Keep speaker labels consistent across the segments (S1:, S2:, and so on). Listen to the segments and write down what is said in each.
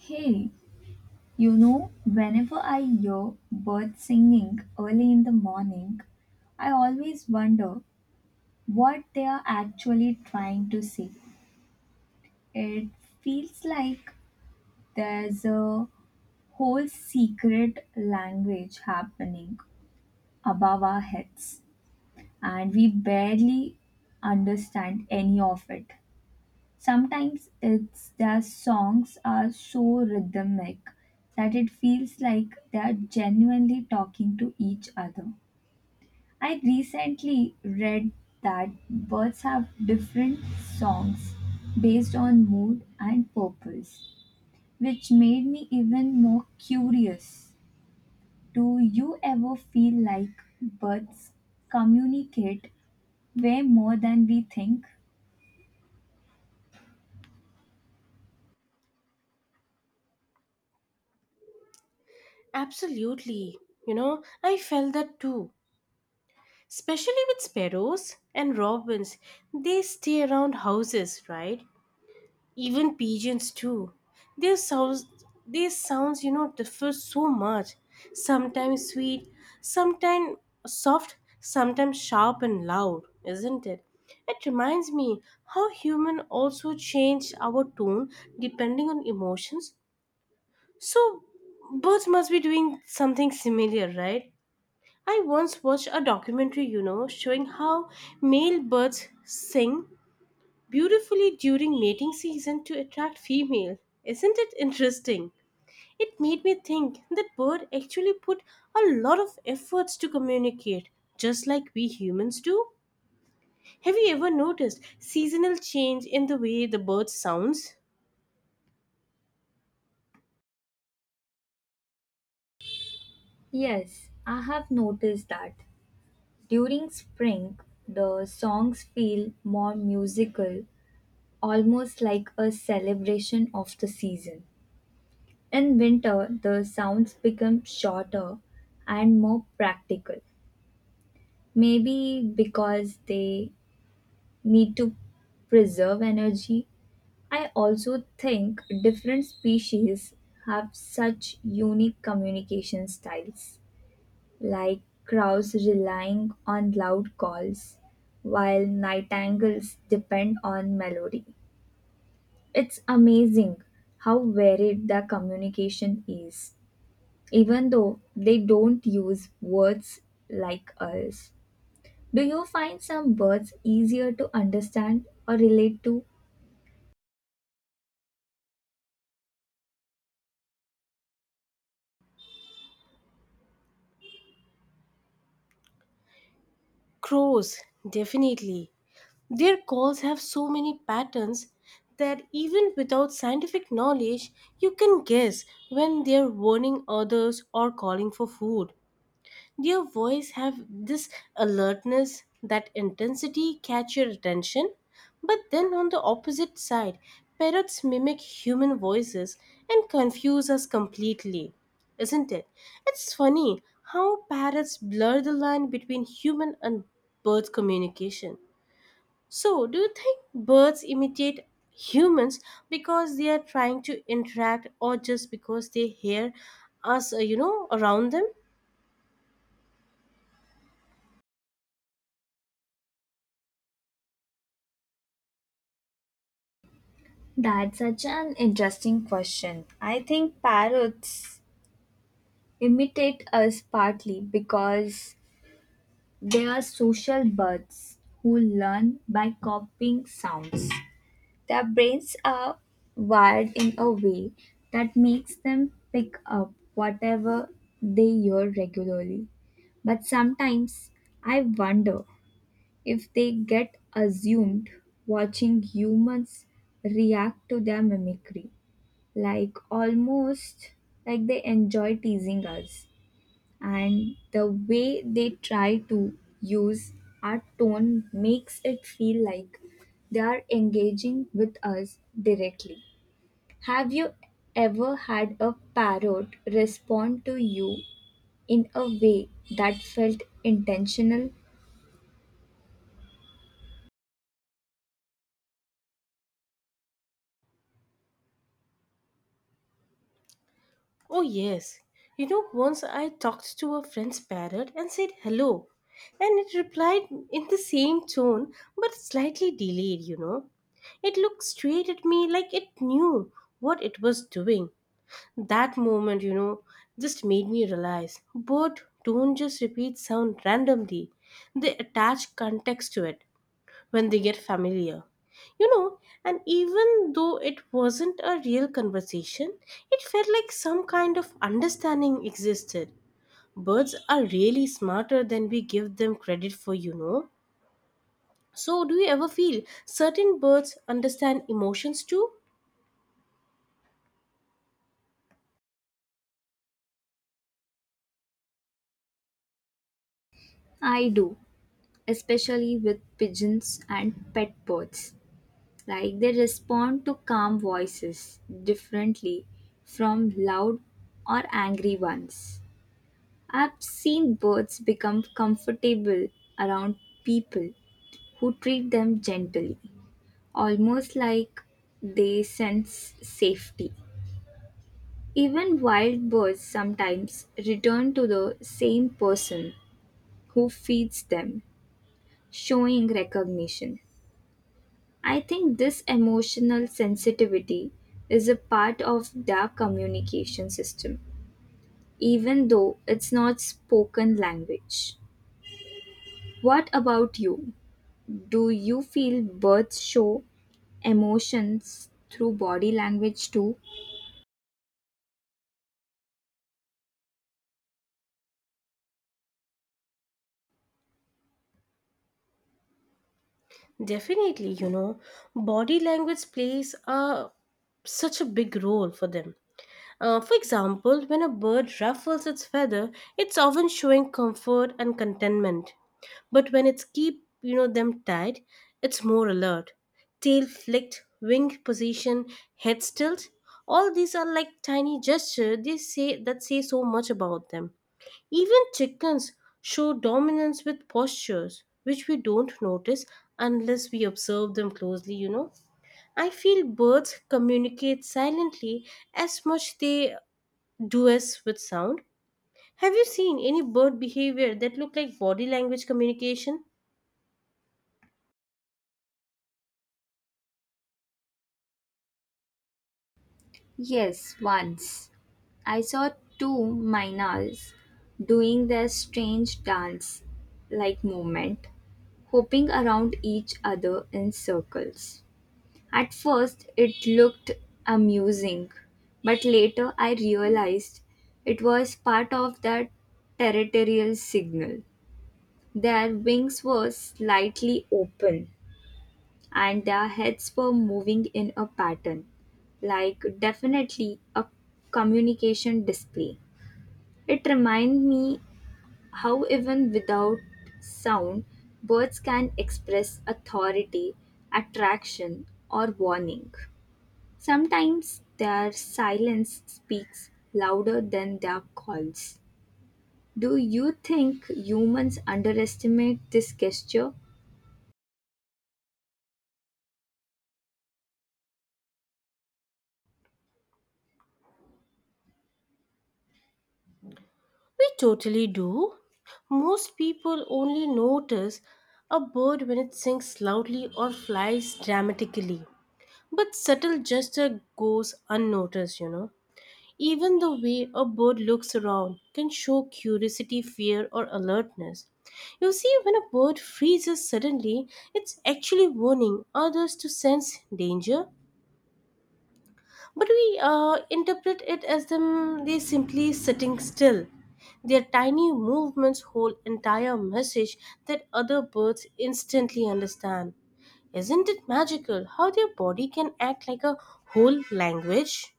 S1: Hey, you know, whenever I hear birds singing early in the morning, I always wonder what they are actually trying to say. It feels like there's a whole secret language happening above our heads, and we barely understand any of it. Sometimes it's their songs are so rhythmic that it feels like they are genuinely talking to each other. I recently read that birds have different songs based on mood and purpose, which made me even more curious. Do you ever feel like birds communicate way more than we think?
S2: Absolutely. I felt that too. Especially with sparrows and robins. They stay around houses, right? Even pigeons too. Their sounds their sounds differ so much. Sometimes sweet, sometimes soft, sometimes sharp and loud, isn't it? It reminds me how human also change our tone depending on emotions. So birds must be doing something similar, right? I once watched a documentary, showing how male birds sing beautifully during mating season to attract female. Isn't it interesting? It made me think that bird actually put a lot of efforts to communicate, just like we humans do. Have you ever noticed seasonal change in the way the bird sounds?
S1: Yes, I have noticed that. During spring, the songs feel more musical, almost like a celebration of the season. In winter, the sounds become shorter and more practical, maybe because they need to preserve energy. I also think different species have such unique communication styles, like crows relying on loud calls, while nightingales depend on melody. It's amazing how varied the communication is, even though they don't use words like us. Do you find some birds easier to understand or relate to?
S2: Crows, definitely. Their calls have so many patterns that even without scientific knowledge, you can guess when they're warning others or calling for food. Their voice have this alertness, that intensity catch your attention. But then on the opposite side, parrots mimic human voices and confuse us completely. Isn't it? It's funny how parrots blur the line between human and bird communication. So, do you think birds imitate humans because they are trying to interact or just because they hear us around them?
S1: That's such an interesting question. I think parrots imitate us partly because they are social birds who learn by copying sounds. Their brains are wired in a way that makes them pick up whatever they hear regularly. But sometimes I wonder if they get assumed watching humans react to their mimicry, like almost like they enjoy teasing us, and the way they try to use our tone makes it feel like they are engaging with us directly. Have you ever had a parrot respond to you in a way that felt intentional?
S2: Oh, yes. Once I talked to a friend's parrot and said hello, and it replied in the same tone but slightly delayed. It looked straight at me like it knew what it was doing. That moment just made me realize birds don't just repeat sound randomly, they attach context to it when they get familiar. You know, and even though it wasn't a real conversation, it felt like some kind of understanding existed. Birds are really smarter than we give them credit for. So, do you ever feel certain birds understand emotions too?
S1: I do, especially with pigeons and pet birds. Like they respond to calm voices differently from loud or angry ones. I've seen birds become comfortable around people who treat them gently, almost like they sense safety. Even wild birds sometimes return to the same person who feeds them, showing recognition. I think this emotional sensitivity is a part of their communication system, even though it's not spoken language. What about you? Do you feel birds show emotions through body language too?
S2: Definitely, body language plays a such a big role for them. For example, when a bird ruffles its feather, it's often showing comfort and contentment. But when it's keep them tied, it's more alert. Tail flicked, wing position, head tilt. All these are like tiny gestures. They say that say so much about them. Even chickens show dominance with postures, which we don't notice unless we observe them closely. I feel birds communicate silently as much they do as with sound. Have you seen any bird behavior that look like body language communication?
S1: Yes, once. I saw two mynals doing their strange dance like movement, hopping around each other in circles. At first, it looked amusing, but later I realized it was part of their territorial signal. Their wings were slightly open and their heads were moving in a pattern, like definitely a communication display. It reminded me how, even without sound, birds can express authority, attraction, or warning. Sometimes their silence speaks louder than their calls. Do you think humans underestimate this gesture?
S2: We totally do. Most people only notice a bird when it sings loudly or flies dramatically. But subtle gesture goes unnoticed. Even the way a bird looks around can show curiosity, fear, or alertness. You see, when a bird freezes suddenly, it's actually warning others to sense danger. But we interpret it as them they simply sitting still. Their tiny movements hold entire message that other birds instantly understand. Isn't it magical how their body can act like a whole language?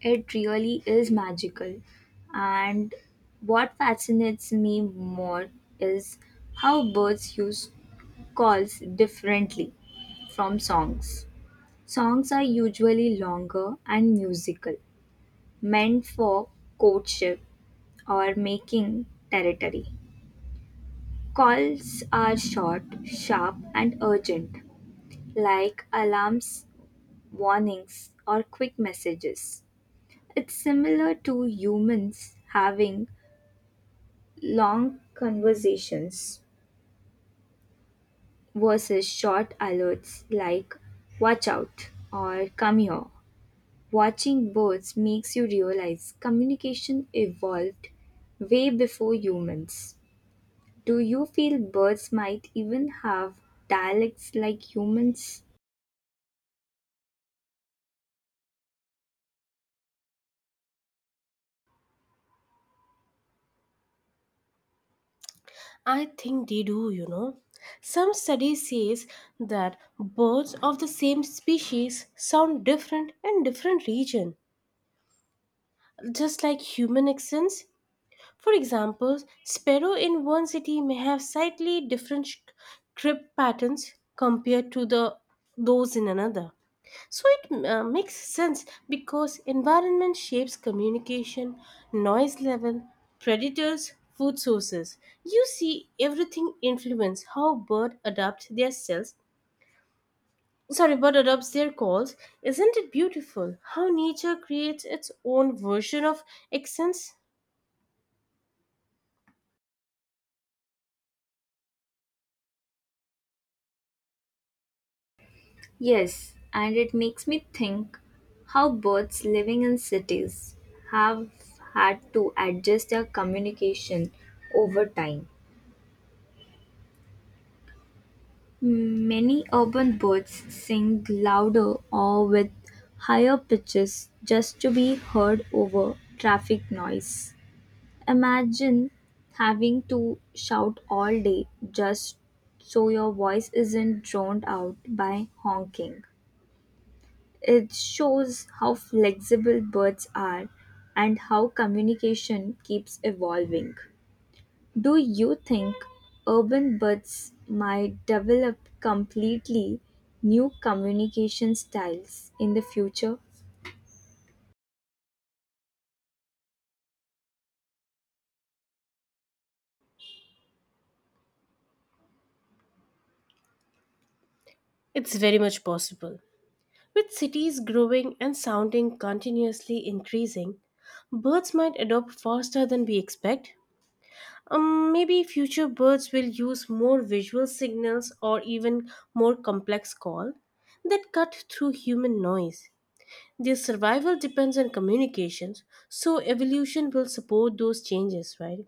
S1: It really is magical. And what fascinates me more is how birds use calls differently from songs. Songs are usually longer and musical, meant for courtship or making territory. Calls are short, sharp, and urgent, like alarms, warnings, or quick messages. It's similar to humans having long conversations versus short alerts like watch out or come here. Watching birds makes you realize communication evolved way before humans. Do you feel birds might even have dialects like humans?
S2: I think they do. Some studies says that birds of the same species sound different in different region, just like human accents. For example, sparrow in one city may have slightly different crib patterns compared to the those in another. So it makes sense because environment shapes communication, noise level, predators, food sources. You see, everything influence how bird adapt their cells. Sorry, bird adopts their calls. Isn't it beautiful how nature creates its own version of accents?
S1: Yes, and it makes me think how birds living in cities have had to adjust their communication over time. Many urban birds sing louder or with higher pitches just to be heard over traffic noise. Imagine having to shout all day just so your voice isn't drowned out by honking. It shows how flexible birds are and how communication keeps evolving. Do you think urban buds might develop completely new communication styles in the future?
S2: It's very much possible. With cities growing and sounding continuously increasing, birds might adopt faster than we expect. Maybe future birds will use more visual signals or even more complex call that cut through human noise. Their survival depends on communications, so evolution will support those changes, right?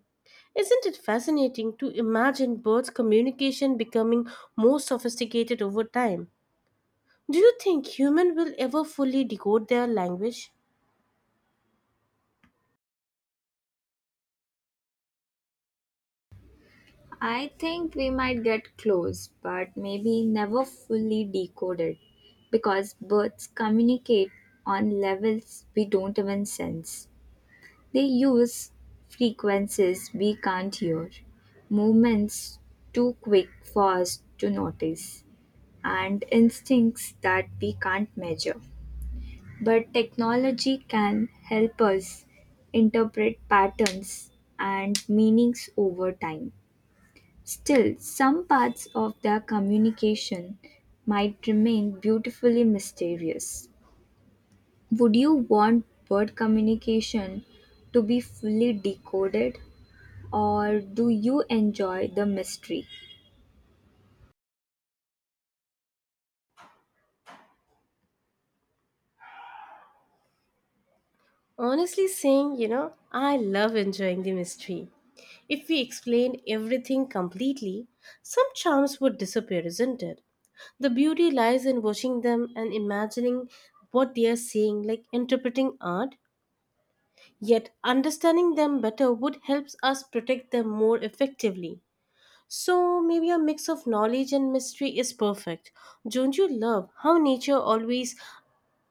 S2: Isn't it fascinating to imagine birds' communication becoming more sophisticated over time? Do you think human will ever fully decode their language?
S1: I think we might get close, but maybe never fully decoded because birds communicate on levels we don't even sense. They use frequencies we can't hear, movements too quick for us to notice, and instincts that we can't measure. But technology can help us interpret patterns and meanings over time. Still, some parts of their communication might remain beautifully mysterious. Would you want bird communication to be fully decoded, or do you enjoy the mystery?
S2: Honestly saying, I love enjoying the mystery. If we explained everything completely, some charms would disappear, isn't it? The beauty lies in watching them and imagining what they are seeing, like interpreting art. Yet, understanding them better would help us protect them more effectively. So, maybe a mix of knowledge and mystery is perfect. Don't you love how nature always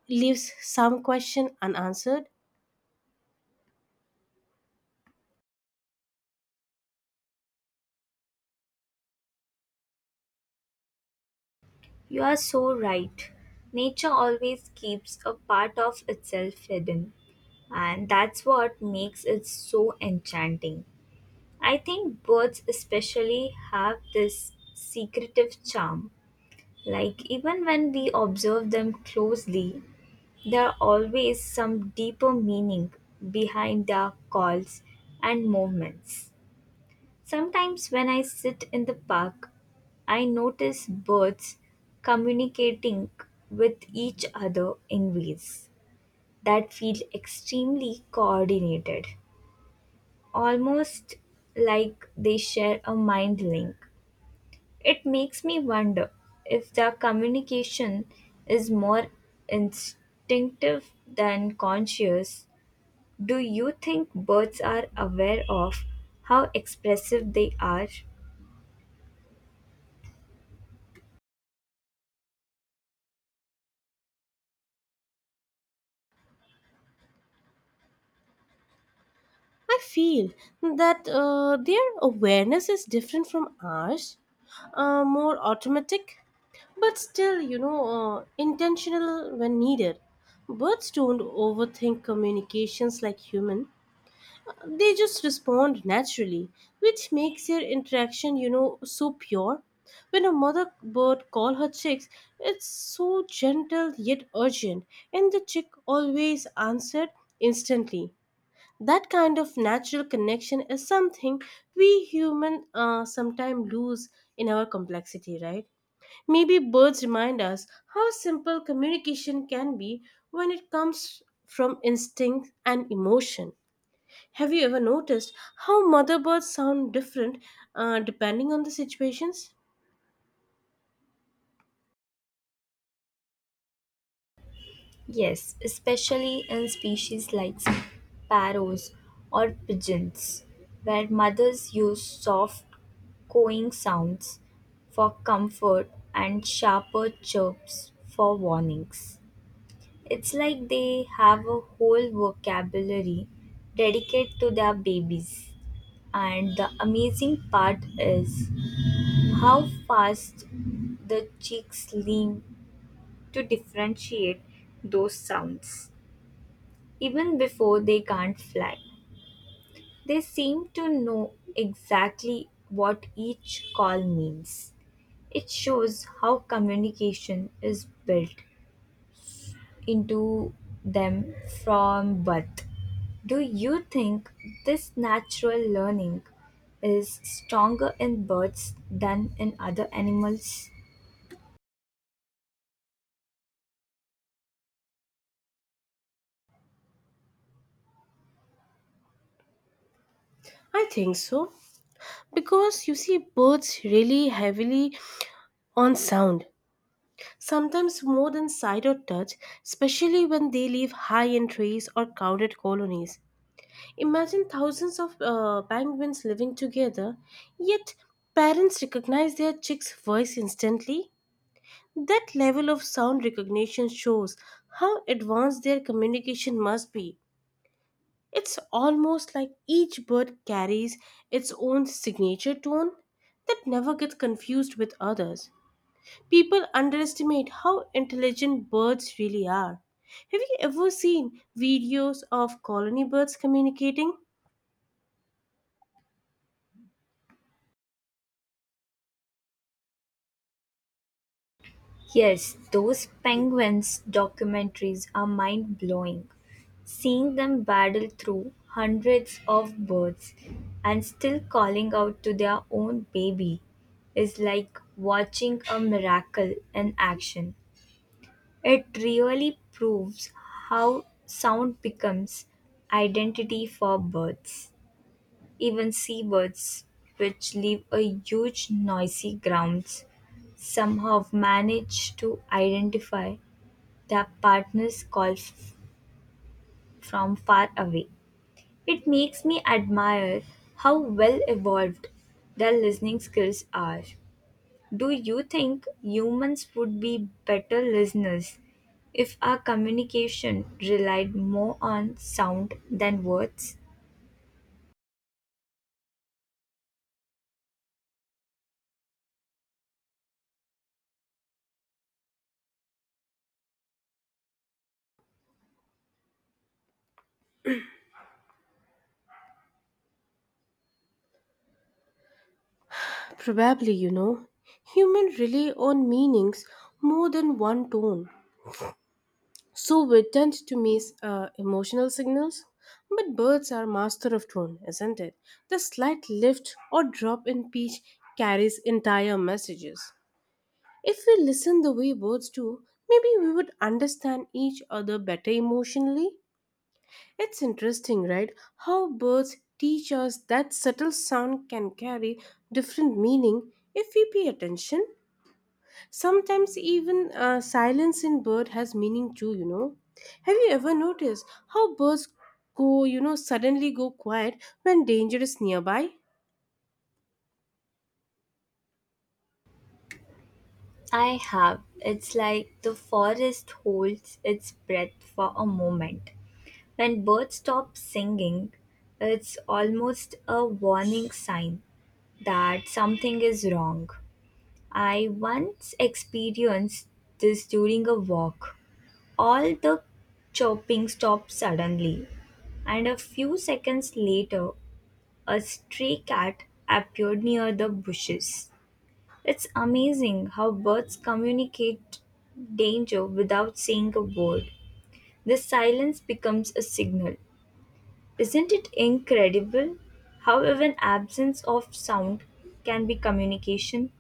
S2: leaves some question unanswered?
S1: You are so right. Nature always keeps a part of itself hidden, and that's what makes it so enchanting. I think birds, especially, have this secretive charm. Like, even when we observe them closely, there are always some deeper meaning behind their calls and movements. Sometimes when I sit in the park, I notice birds communicating with each other in ways that feel extremely coordinated, almost like they share a mind link. It makes me wonder if the communication is more instinctive than conscious. Do you think birds are aware of how expressive they are?
S2: I feel that their awareness is different from ours, more automatic, but still, intentional when needed. Birds don't overthink communications like human. They just respond naturally, which makes their interaction so pure. When a mother bird call her chicks, it's so gentle yet urgent, and the chick always answered instantly. That kind of natural connection is something we humans sometimes lose in our complexity, right? Maybe birds remind us how simple communication can be when it comes from instinct and emotion. Have you ever noticed how mother birds sound different depending on the situations?
S1: Yes, especially in species like sparrows or pigeons, where mothers use soft cooing sounds for comfort and sharper chirps for warnings. It's like they have a whole vocabulary dedicated to their babies. And the amazing part is how fast the chicks lean to differentiate those sounds. Even before they can't fly, they seem to know exactly what each call means. It shows how communication is built into them from birth. Do you think this natural learning is stronger in birds than in other animals?
S2: I think so. Because you see, birds rely heavily on sound, sometimes more than sight or touch, especially when they live high in trees or crowded colonies. Imagine thousands of penguins living together, yet parents recognize their chicks' voice instantly. That level of sound recognition shows how advanced their communication must be. It's almost like each bird carries its own signature tone that never gets confused with others. People underestimate how intelligent birds really are. Have you ever seen videos of colony birds communicating?
S1: Yes, those penguins documentaries are mind blowing. Seeing them battle through hundreds of birds and still calling out to their own baby is like watching a miracle in action. It really proves how sound becomes identity for birds. Even seabirds, which live a huge noisy grounds, somehow manage to identify the partners call from far away. It makes me admire how well evolved their listening skills are. Do you think humans would be better listeners if our communication relied more on sound than words?
S2: Probably, Humans rely on meanings more than one tone. So we tend to miss emotional signals. But birds are master of tone, isn't it? The slight lift or drop in pitch carries entire messages. If we listen the way birds do, maybe we would understand each other better emotionally. It's interesting, right? How birds teach us that subtle sound can carry different meaning if we pay attention. Sometimes even silence in bird has meaning too. Have you ever noticed how birds suddenly go quiet when danger is nearby?
S1: I have. It's like the forest holds its breath for a moment. When birds stop singing, it's almost a warning sign that something is wrong. I once experienced this during a walk. All the chopping stopped suddenly, and a few seconds later, a stray cat appeared near the bushes. It's amazing how birds communicate danger without saying a word. The silence becomes a signal. Isn't it incredible how even absence of sound can be communication?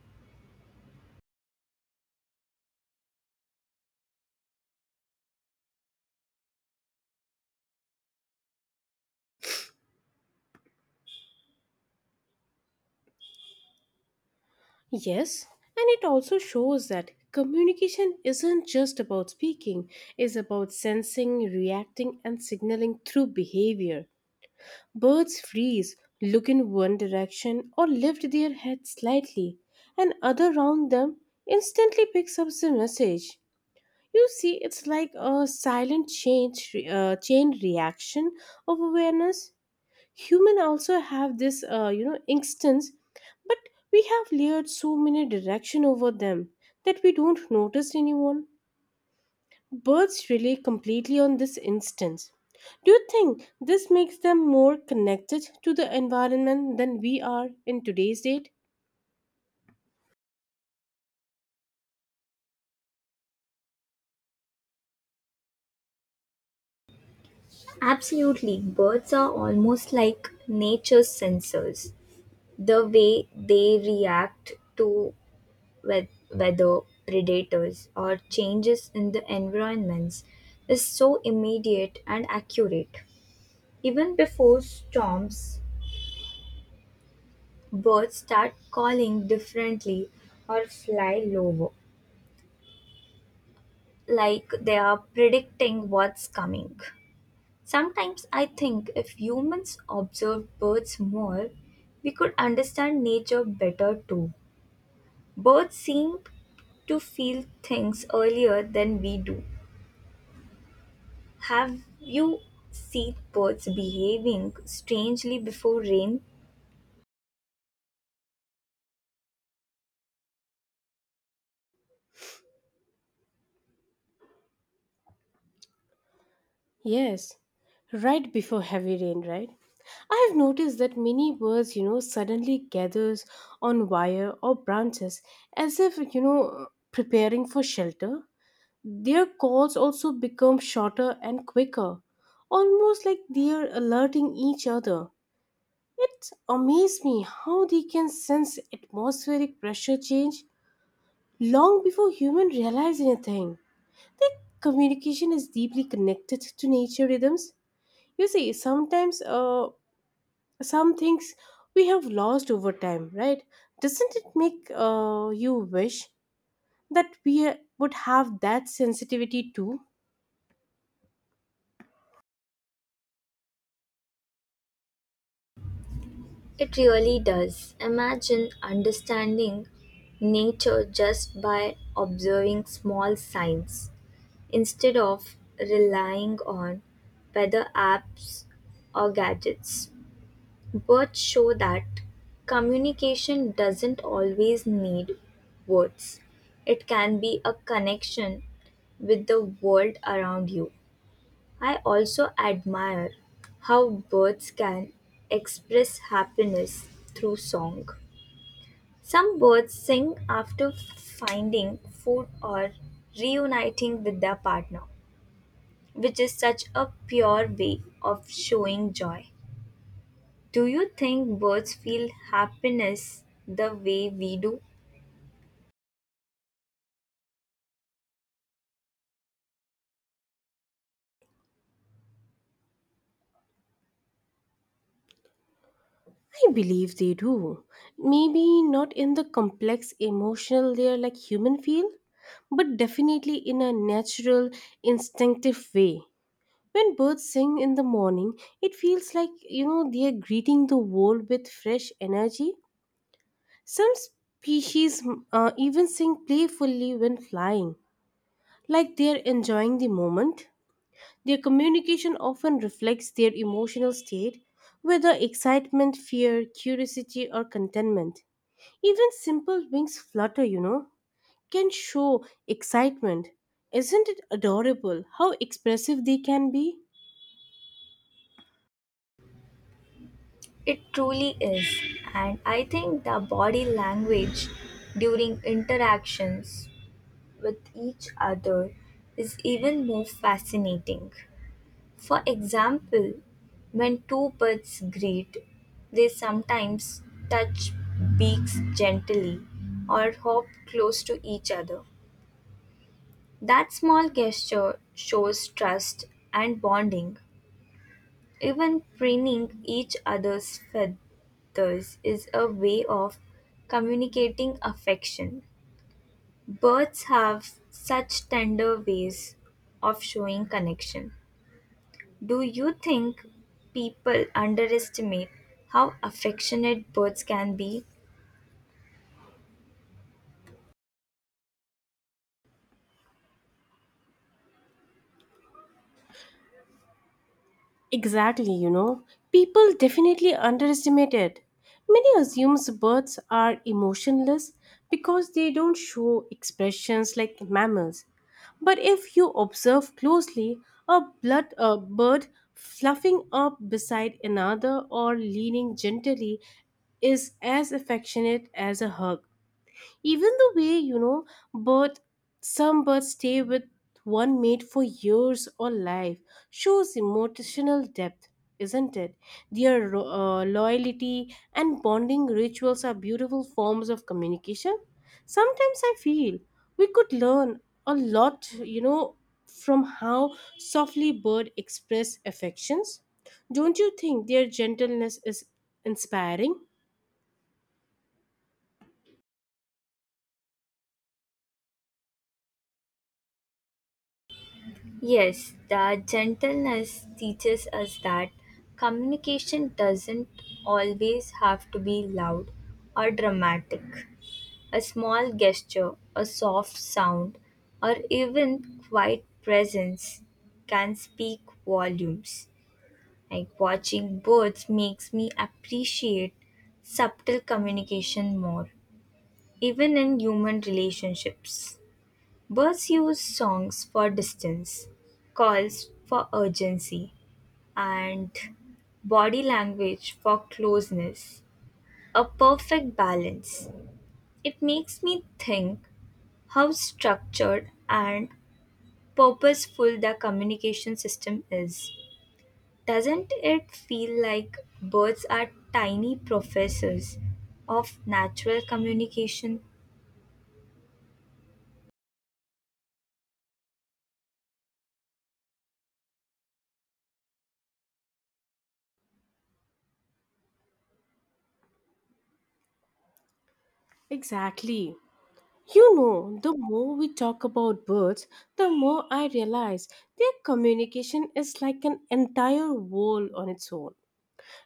S2: Yes, and it also shows that communication isn't just about speaking, it's about sensing, reacting, and signaling through behavior. Birds freeze, look in one direction, or lift their heads slightly, and other round them instantly picks up the message. You see, it's like a silent chain reaction of awareness. Human also have this instance, but we have layered so many direction over them that we don't notice anyone. Birds rely completely on this instance. Do you think this makes them more connected to the environment than we are in today's date?
S1: Absolutely, birds are almost like nature's sensors. The way they react to weather, predators, or changes in the environments is so immediate and accurate. Even before storms, birds start calling differently or fly lower, like they are predicting what's coming. Sometimes I think if humans observed birds more, we could understand nature better too. Birds seem to feel things earlier than we do. Have you seen birds behaving strangely before rain?
S2: Yes, right before heavy rain, right? I have noticed that many birds suddenly gathers on wire or branches as if preparing for shelter. Their calls also become shorter and quicker, almost like they are alerting each other. It amazed me how they can sense atmospheric pressure change long before humans realize anything. Their communication is deeply connected to nature rhythms. You see, sometimes some things we have lost over time, right? Doesn't it make you wish that we would have that sensitivity too?
S1: It really does. Imagine understanding nature just by observing small signs instead of relying on weather apps or gadgets. Words show that communication doesn't always need words. It can be a connection with the world around you. I also admire how birds can express happiness through song. Some birds sing after finding food or reuniting with their partner, which is such a pure way of showing joy. Do you think birds feel happiness the way we do?
S2: I believe they do. Maybe not in the complex emotional layer like human feel, but definitely in a natural, instinctive way. When birds sing in the morning, it feels like they are greeting the world with fresh energy. Some species even sing playfully when flying, like they are enjoying the moment. Their communication often reflects their emotional state, whether excitement, fear, curiosity, or contentment. Even simple wings flutter can show excitement. Isn't it adorable how expressive they can be?
S1: It truly is. And I think the body language during interactions with each other is even more fascinating. For example, when two birds greet, they sometimes touch beaks gently or hop close to each other. That small gesture shows trust and bonding. Even preening each other's feathers is a way of communicating affection. Birds have such tender ways of showing connection. Do you think people underestimate how affectionate birds can be?
S2: Exactly. People definitely underestimate it. Many assumes birds are emotionless because they don't show expressions like mammals. But if you observe closely, a bird fluffing up beside another or leaning gently is as affectionate as a hug. Even the way, you know, bird some birds stay with one mate for years or life shows emotional depth, isn't it? Their loyalty and bonding rituals are beautiful forms of communication. Sometimes I feel we could learn a lot, from how softly bird express affections. Don't you think their gentleness is inspiring?
S1: Yes, their gentleness teaches us that communication doesn't always have to be loud or dramatic. A small gesture, a soft sound, or even quiet presence can speak volumes. Like watching birds makes me appreciate subtle communication more, even in human relationships. Birds use songs for distance, calls for urgency, and body language for closeness. A perfect balance. It makes me think how structured and purposeful the communication system is. Doesn't it feel like birds are tiny professors of natural communication?
S2: Exactly. The more we talk about birds, the more I realize their communication is like an entire world on its own.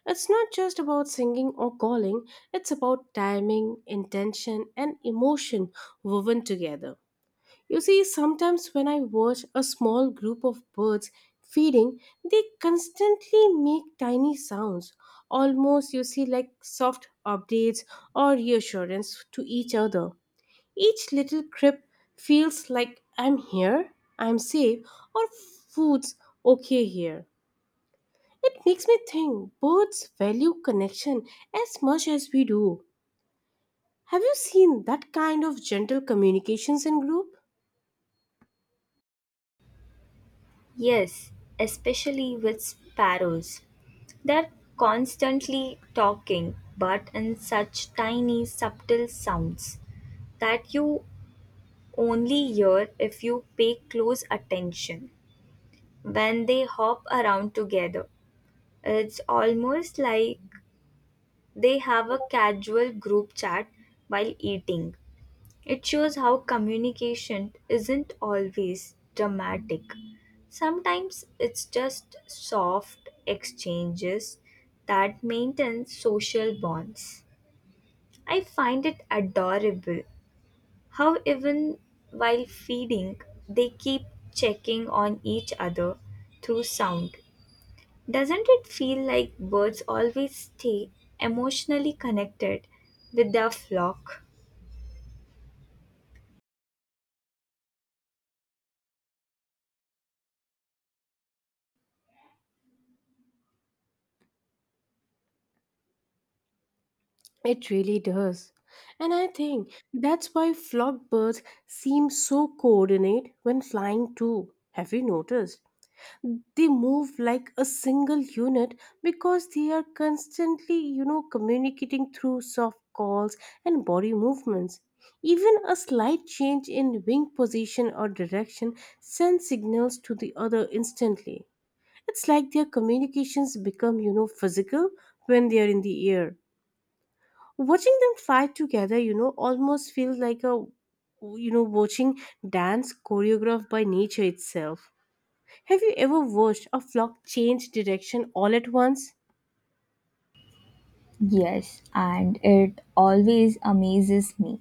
S2: It's not just about singing or calling, it's about timing, intention, and emotion woven together. You see, sometimes when I watch a small group of birds feeding, they constantly make tiny sounds, almost like soft updates or reassurance to each other. Each little crib feels like I'm here, I'm safe, or food's okay here. It makes me think birds value connection as much as we do. Have you seen that kind of gentle communications in group?
S1: Yes, especially with sparrows. They're constantly talking, but in such tiny, subtle sounds that you only hear if you pay close attention. When they hop around together, it's almost like they have a casual group chat while eating. It shows how communication isn't always dramatic. Sometimes it's just soft exchanges that maintain social bonds. I find it adorable how, even while feeding, they keep checking on each other through sound. Doesn't it feel like birds always stay emotionally connected with their flock?
S2: It really does. And I think that's why flock birds seem so coordinate when flying too. Have you noticed? They move like a single unit because they are constantly communicating through soft calls and body movements. Even a slight change in wing position or direction sends signals to the other instantly. It's like their communications become physical when they are in the air. Watching them fly together, almost feels like a you know watching dance choreographed by nature itself. Have you ever watched a flock change direction all at once?
S1: Yes, and it always amazes me